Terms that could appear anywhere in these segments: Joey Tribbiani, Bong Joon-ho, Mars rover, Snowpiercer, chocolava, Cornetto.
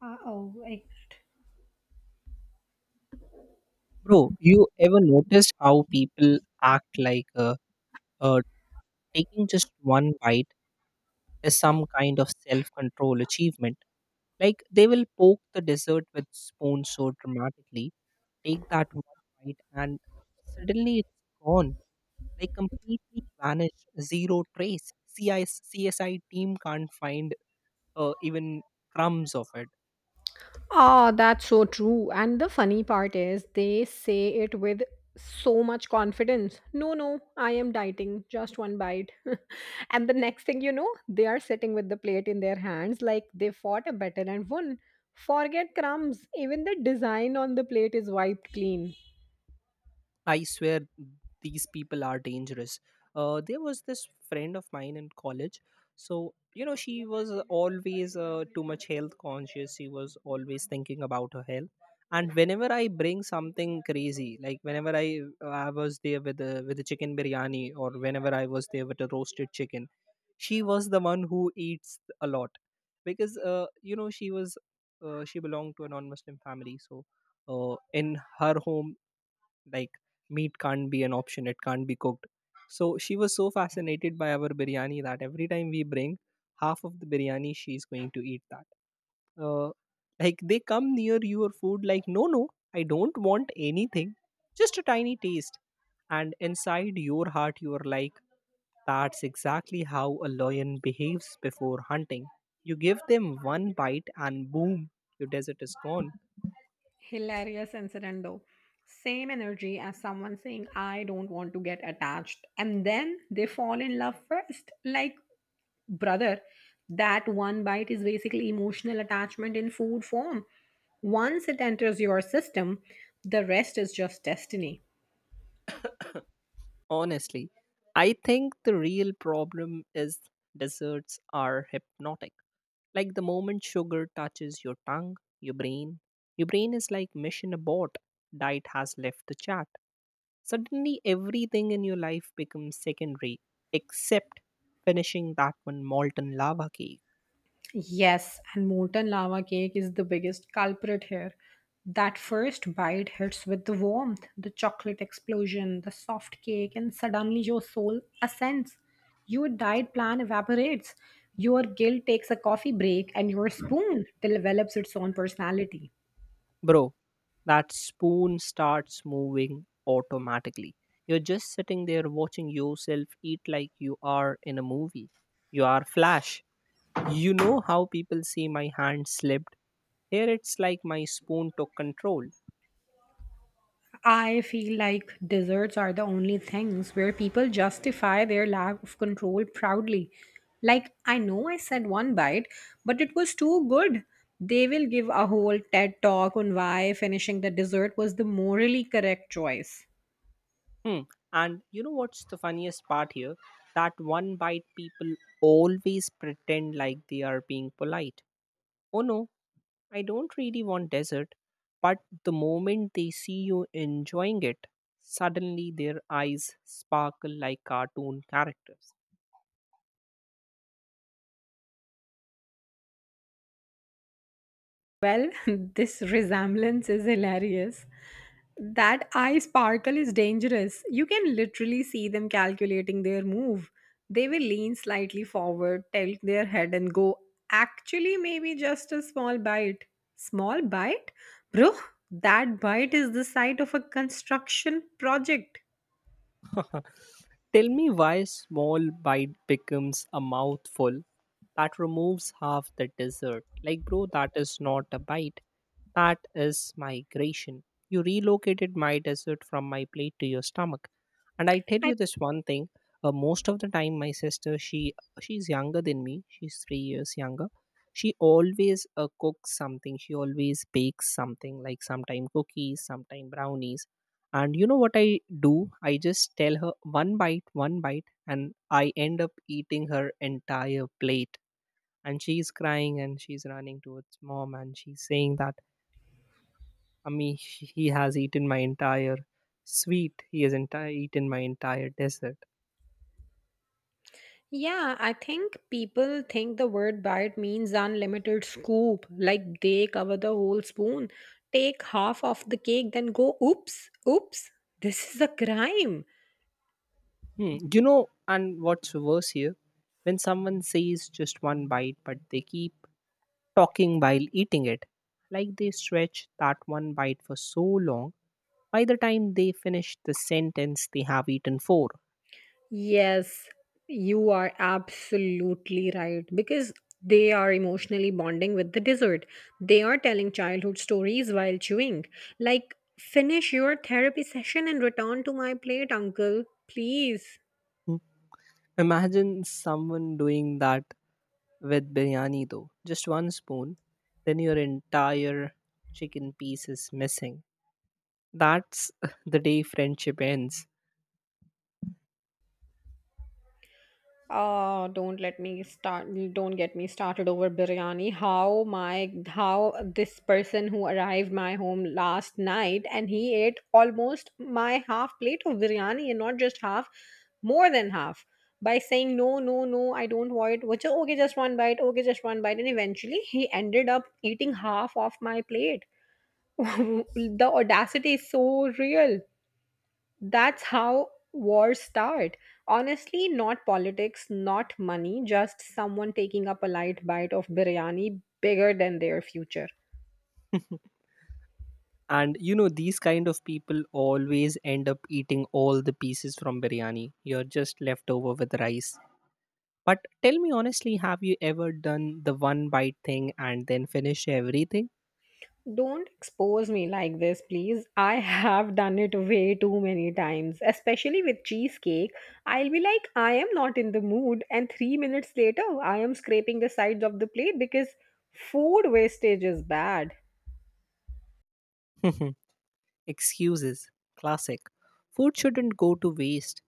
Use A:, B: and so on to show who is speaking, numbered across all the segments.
A: Uh, oh, I,
B: Bro, you ever noticed how people act like uh, taking just one bite is some kind of self control achievement? Like they will poke the dessert with spoon so dramatically, take that one bite, and suddenly it's gone, like completely vanished, zero trace. CI, team can't find even crumbs of it.
A: Ah, that's so true. And the funny part is, they say it with so much confidence. No, no, I am dieting, just one bite. And the next thing you know, they are sitting with the plate in their hands like they fought a battle and won. Forget crumbs, even the design on the plate is wiped clean.
B: I swear these people are dangerous. There was this friend of mine in college. So, you know, she was always too much health conscious. She was always thinking about her health. And whenever I bring something crazy, like whenever I was there with the chicken biryani, or whenever I was there with a roasted chicken, she was the one who eats a lot, because you know she was she belonged to a non-Muslim family, so in her home like meat can't be an option, it can't be cooked. So she was so fascinated by our biryani that every time we bring, half of the biryani she's going to eat that. uh, like they come near your food like, no no, I don't want anything, just a tiny taste. And inside your heart you're like, that's exactly how a lion behaves before hunting. You give them one bite and boom, your desert is gone.
A: Hilarious incident though. Same energy as someone saying, I don't want to get attached. And then they fall in love first. Like, brother, that one bite is basically emotional attachment in food form. Once it enters your system, the rest is just destiny.
B: Honestly, I think the real problem is desserts are hypnotic. Like the moment sugar touches your tongue, your brain is like mission abort. Diet has left the chat. Suddenly, everything in your life becomes secondary except finishing that one molten lava cake.
A: Yes, and molten lava cake is the biggest culprit here. That first bite hits with the warmth, the chocolate explosion, the soft cake, and suddenly your soul ascends. Your diet plan evaporates. Your guilt takes a coffee break and your spoon develops its own personality.
B: Bro, that spoon starts moving automatically. You're just sitting there watching yourself eat like you are in a movie. You are Flash. You know how people say my hand slipped? Here it's like my spoon took control.
A: I feel like desserts are the only things where people justify their lack of control proudly. Like, I know I said one bite, but it was too good. They will give a whole TED talk on why finishing the dessert was the morally correct choice.
B: Hmm. And you know what's the funniest part here? That one bite people always pretend like they are being polite. Oh no, I don't really want dessert, but the moment they see you enjoying it, suddenly their eyes sparkle like cartoon characters.
A: Well, this resemblance is hilarious. That eye sparkle is dangerous. You can literally see them calculating their move. They will lean slightly forward, tilt their head, and go, actually, maybe just a small bite. Small bite? Bro, that bite is the site of a construction project.
B: Tell me why small bite becomes a mouthful that removes half the dessert. Like, bro, that is not a bite. That is migration. You relocated my dessert from my plate to your stomach. And I tell you
A: I,
B: this one thing. Most of the time, my sister, she's younger than me. She's 3 years younger. She always cooks something. She always bakes something. Like sometime cookies, sometime brownies. And you know what I do? I just tell her one bite, and I end up eating her entire plate. And she's crying and she's running towards mom and she's saying that, Ami, he has eaten my entire sweet. He has entire eaten my entire dessert.
A: yeah, I think people think the word bite means unlimited scoop, like they cover the whole spoon, take half of the cake, then go, oops, oops, this is a crime.
B: Hmm. You know, and what's worse here, when someone says just one bite, but they keep talking while eating it, like they stretch that one bite for so long. By the time they finish the sentence, they have eaten four.
A: Yes, you are absolutely right because they are emotionally bonding with the dessert. They are telling childhood stories while chewing. Like, finish your therapy session and return to my plate, uncle, please.
B: Hmm. Imagine someone doing that with biryani though. Just one spoon, then your entire chicken piece is missing. That's the day friendship ends.
A: Oh, don't let me start. Don't get me started over biryani. How this person who arrived my home last night and he ate almost my half plate of biryani, and not just half, more than half, by saying no, no, no, I don't want it. Which okay, just one bite. Okay, just one bite, and eventually he ended up eating half of my plate. The audacity is so real. That's how wars start. Honestly, not politics, not money, just someone taking up a light bite of biryani bigger than their future.
B: And you know, these kind of people always end up eating all the pieces from biryani. You're just left over with rice. But tell me honestly, have you ever done the one bite thing and then finish everything?
A: Don't expose me like this, please. I have done it way too many times, especially with cheesecake. I'll be like, I am not in the mood, and 3 minutes later, I am scraping the sides of the plate because food wastage is bad.
B: Excuses. Classic. Food shouldn't go to waste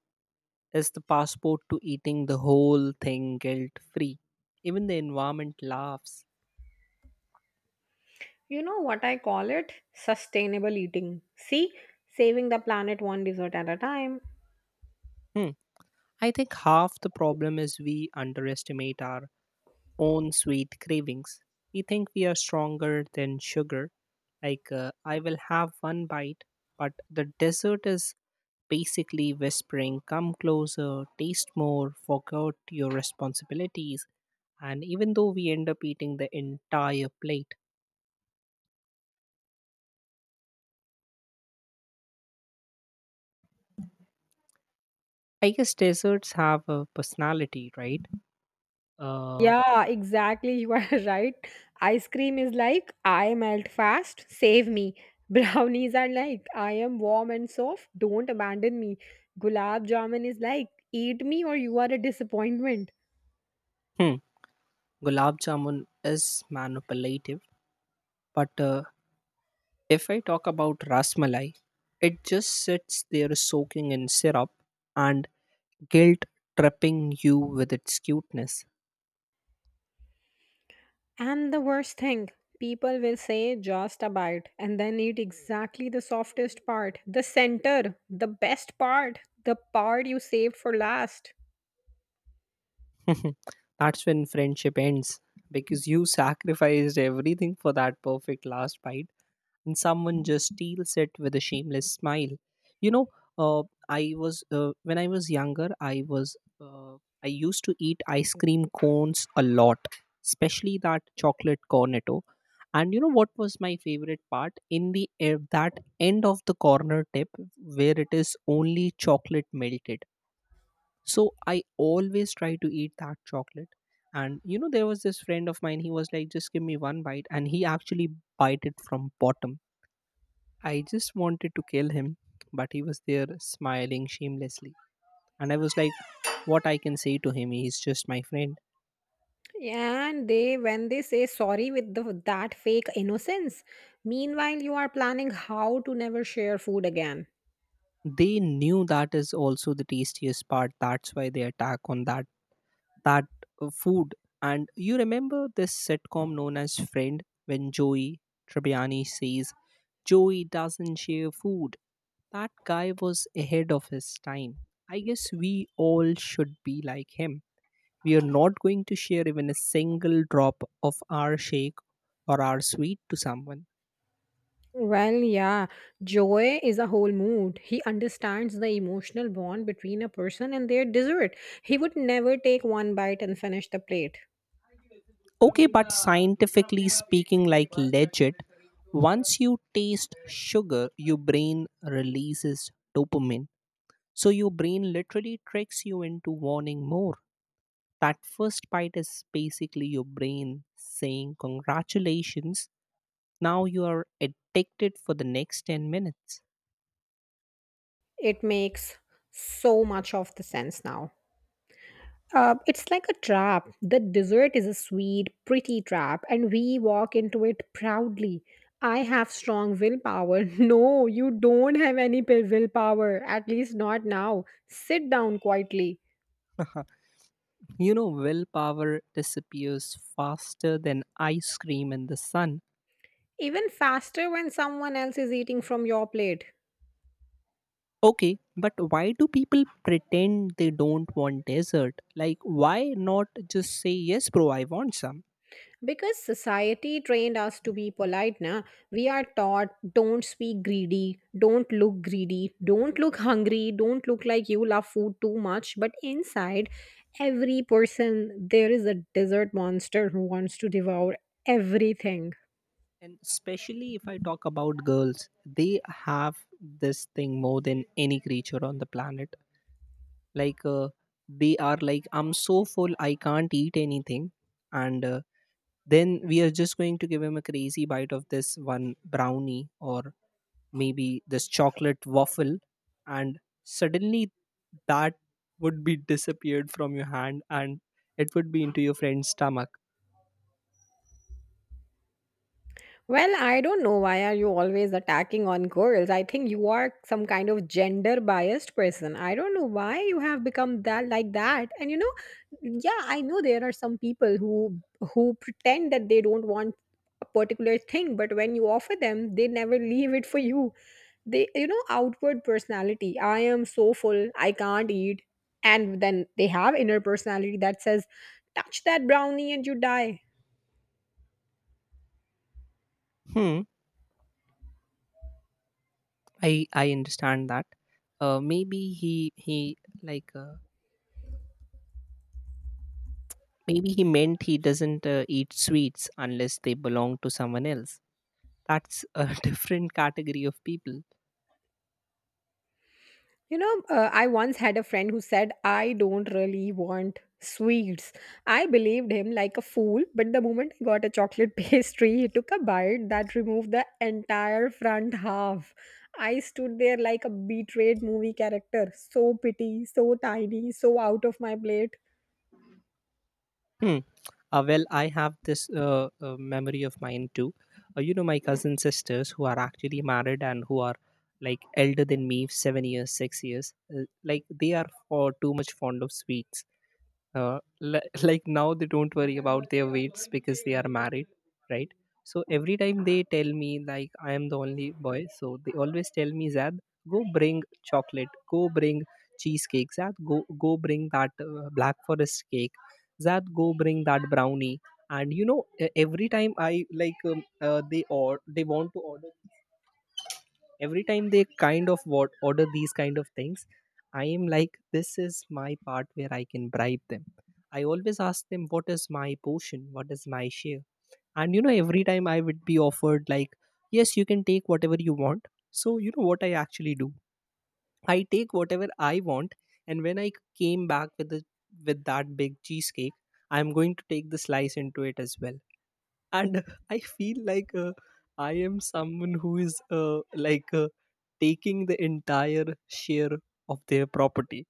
B: is the passport to eating the whole thing guilt free. Even the environment laughs.
A: You know what I call it? Sustainable eating. See, saving the planet one dessert at a time.
B: Hmm. I think half the problem is we underestimate our own sweet cravings. We think we are stronger than sugar. Like, I will have one bite, but the dessert is basically whispering, come closer, taste more, forget your responsibilities. And even though we end up eating the entire plate, I guess desserts have a personality, right? uh,
A: Yeah, exactly. You are right. Ice cream is like, I melt fast, save me. Brownies are like, I am warm and soft, don't abandon me. Gulab jamun is like, eat me or you are a disappointment.
B: Hmm. Gulab jamun is manipulative, but if I talk about rasmalai, it just sits there soaking in syrup and guilt tripping you with its cuteness.
A: And the worst thing, people will say just a bite and then eat exactly the softest part, the center, the best part, the part you saved for last.
B: That's when friendship ends, because you sacrificed everything for that perfect last bite and someone just steals it with a shameless smile. You know, uh, I was when I was younger I was I used to eat ice cream cones a lot, especially that chocolate cornetto. And you know what was my favorite part in that end of the corner tip, where it is only chocolate melted. So I always try to eat that chocolate. And you know there was this friend of mine, he was like, just give me one bite, and he actually bite it from bottom. I just wanted to kill him, but he was there smiling shamelessly. And I was like, what I can say to him? He's just my friend.
A: And they, when they say sorry with that fake innocence, meanwhile, you are planning how to never share food again.
B: They knew that is also the tastiest part. That's why they attack on that food. And you remember this sitcom known as Friend when Joey Tribbiani says, Joey doesn't share food. That guy was ahead of his time. I guess we all should be like him. We are not going to share even a single drop of our shake or our sweet to someone.
A: Well, yeah, joy is a whole mood. He understands the emotional bond between a person and their dessert. He would never take one bite and finish the plate.
B: Okay, but scientifically speaking, like legit, once you taste sugar, your brain releases dopamine. So your brain literally tricks you into wanting more. That first bite is basically your brain saying, congratulations, now you are addicted for the next 10 minutes.
A: It makes so much of the sense now. It's like a trap. The dessert is a sweet, pretty trap, and we walk into it proudly. I have strong willpower. No, you don't have any willpower, at least not now. Sit down quietly.
B: You know, willpower disappears faster than ice cream in the sun.
A: Even faster when someone else is eating from your plate.
B: Okay, but why do people pretend they don't want dessert? Like, why not just say, yes, bro, I want some?
A: Because society trained us to be polite, na? We are taught don't speak greedy, don't look hungry, don't look like you love food too much. But inside every person, there is a desert monster who wants to devour everything.
B: And especially if I talk about girls, they have this thing more than any creature on the planet. Like, they are like, I'm so full, I can't eat anything. And then we are just going to give him a crazy bite of this one brownie or maybe this chocolate waffle, and suddenly that would be disappeared from your hand and it would be into your friend's stomach.
A: Well, I don't know why are you always attacking on girls. I think you are some kind of gender biased person. I don't know why you have become that like that. And you know, yeah, I know there are some people who pretend that they don't want a particular thing, but when you offer them, they never leave it for you. They, you know, outward personality. I am so full, I can't eat. And then they have inner personality that says, touch that brownie and you die.
B: Hmm. I understand that. Maybe he like maybe he meant he doesn't eat sweets unless they belong to someone else. That's a different category of people.
A: You know, I once had a friend who said, I don't really want sweets. I believed him like a fool, but the moment I got a chocolate pastry, he took a bite that removed the entire front half. I stood there like a betrayed movie character, so petty, so tiny, so out of my plate.
B: Hmm. Well, I have this memory of mine too. You know, my cousin sisters who are actually married and who are like elder than me, 7 years, 6 years. Like they are for too much fond of sweets, like now they don't worry about their weights because they are married, right? So every time they tell me like, I am the only boy, so they always tell me, Zad, go bring chocolate, go bring cheesecake, Zad go go bring that black forest cake, Zad go bring that brownie. And you know every time I like they or they want to order, every time they kind of what order these kind of things, I am like, this is my part where I can bribe them. I always ask them, what is my portion, what is my share. And you know every time I would be offered like, yes, you can take whatever you want. So you know what I actually do, I take whatever I want. And when I came back with the with that big cheesecake, I'm going to take the slice into it as well. And I feel like I am someone who is like taking the entire share of their property.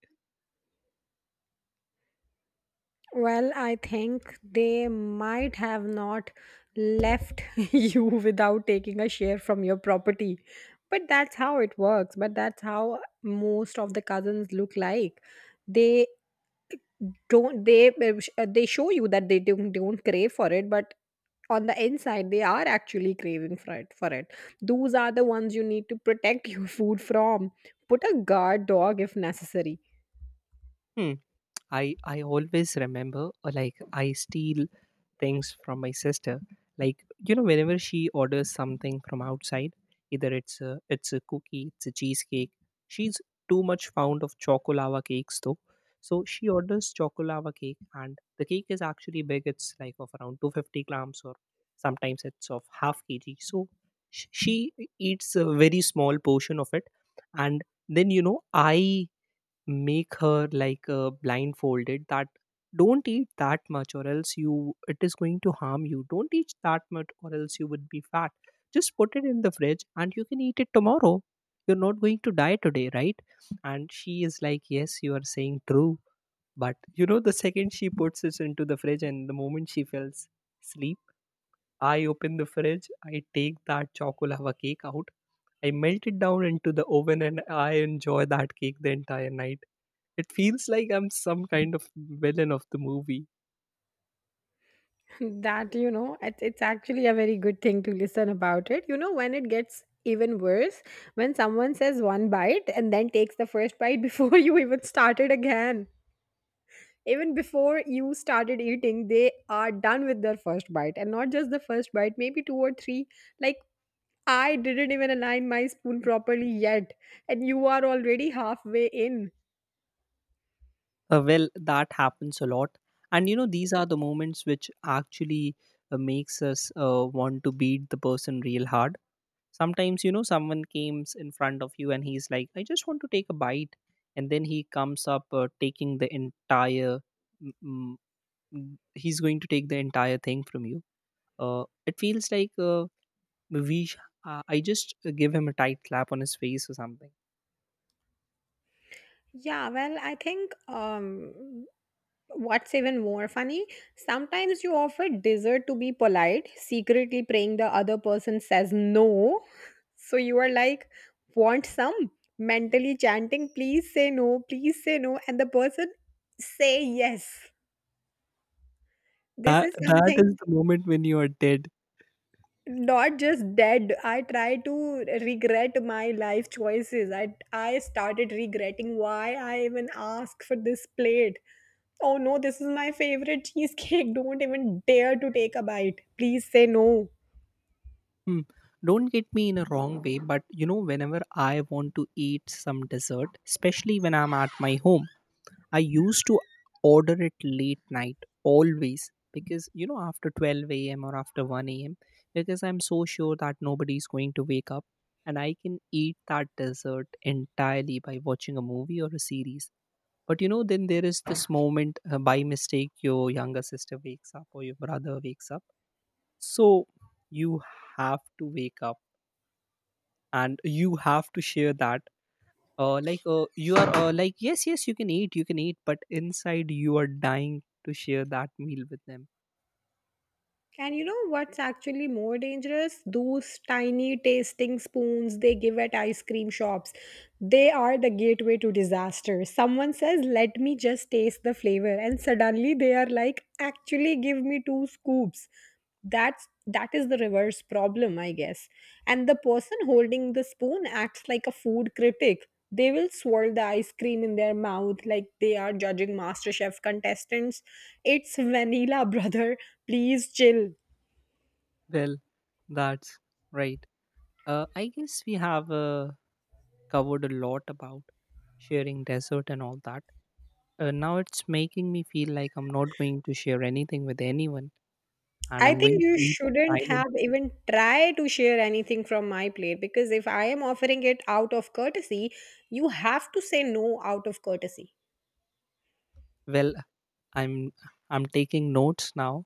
A: Well, I think they might have not left you without taking a share from your property. But that's how it works. But that's how most of the cousins look like. They don't they show you that they don't crave for it, but on the inside they are actually craving for it. Those are the ones you need to protect your food from. Put a guard dog if necessary.
B: Hmm. I always remember like I steal things from my sister. Like you know, whenever she orders something from outside, either it's a cookie, it's a cheesecake. She's too much fond of chocolava cakes though. So she orders chocolava cake, and the cake is actually big. It's like of around 250 grams, or sometimes it's of half kg. So she eats a very small portion of it, and then you know I make her like blindfolded that, don't eat that much or else you it is going to harm you, don't eat that much or else you would be fat, just put it in the fridge and you can eat it tomorrow, you're not going to die today, right? And she is like, yes, you are saying true. But you know the second she puts it into the fridge and the moment she falls sleep, I open the fridge, I take that chocolava cake out, I melt it down into the oven and I enjoy that cake the entire night. It feels like I'm some kind of villain of the movie.
A: That, you know, it's actually a very good thing to listen about it. You know, when it gets even worse, when someone says one bite and then takes the first bite before you even started again. Even before you started eating, they are done with their first bite. And not just the first bite, maybe two or three. Like, I didn't even align my spoon properly yet. And you are already halfway in.
B: Well, that happens a lot. And you know, these are the moments which actually makes us want to beat the person real hard. Sometimes, you know, someone comes in front of you and he's like, I just want to take a bite. And then he comes up taking the entire, mm, mm, he's going to take the entire thing from you. It feels like we, sh- I just give him a tight clap on his face or something.
A: Yeah, well, I think what's even more funny, sometimes you offer dessert to be polite, secretly praying the other person says no. So you are like, want some? Mentally chanting, please say no, please say no. And the person say yes. This
B: That
A: is
B: that
A: something
B: is the moment when you are dead.
A: not just dead. I try to regret my life choices. I started regretting why I even asked for this plate. Oh no, this is my favorite cheesecake. Don't even dare to take a bite. Please say no.
B: Hmm. Don't get me in a wrong way, but you know, whenever I want to eat some dessert, especially when I'm at my home, I used to order it late night always because you know after 12 a.m. or after 1 a.m., because I'm so sure that nobody's going to wake up and I can eat that dessert entirely by watching a movie or a series. But you know, then there is this moment, by mistake your younger sister wakes up or your brother wakes up, so you have to wake up and you have to share that. Like you are like, yes yes you can eat, you can eat, but inside you are dying to share that meal with them.
A: And you know what's actually more dangerous? Those tiny tasting spoons they give at ice cream shops. They are the gateway to disaster. Someone says, let me just taste the flavor. And suddenly they are like, actually, give me two scoops. That is the reverse problem, I guess. And the person holding the spoon acts like a food critic. They will swirl the ice cream in their mouth like they are judging MasterChef contestants. It's vanilla, brother. Please chill.
B: Well, that's right. I guess we have covered a lot about sharing dessert and all that. Now it's making me feel like I'm not going to share anything with anyone, and
A: I
B: I'm going
A: think you
B: to eat it
A: shouldn't
B: silently.
A: have even tried to share anything from my plate because if I am offering it out of courtesy, you have to say no out of courtesy.
B: Well, i'm I'm taking notes now.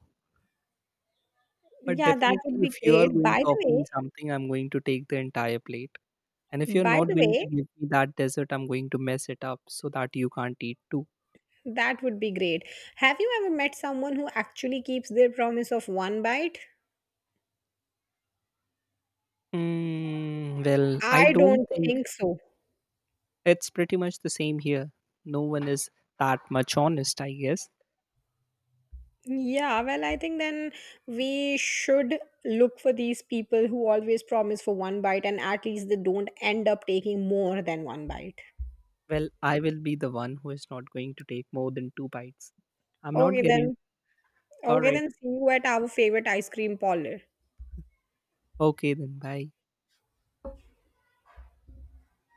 B: But
A: Yeah, that
B: definitely,
A: would be
B: if you are
A: great.
B: going
A: By
B: to
A: the
B: offer me
A: way,
B: something, I'm going to take the entire plate. And if you're
A: by
B: not
A: the
B: going to
A: way,
B: give me that dessert, I'm going to mess it up so that you can't eat too.
A: that would be great. Have you ever met someone who actually keeps their promise of one bite?
B: Mm, well, I
A: I
B: don't
A: don't
B: think
A: think so.
B: it's pretty much the same here. No one is that much honest, I guess.
A: Yeah, well, I think then we should look for these people who always promise for one bite and at least they don't end up taking more than one bite.
B: Well, I will be the one who is not going to take more than two bites. I'm not
A: Okay,
B: getting.
A: then.
B: All
A: Okay,
B: right.
A: then see you at our favorite ice cream parlor.
B: Okay, then. Bye.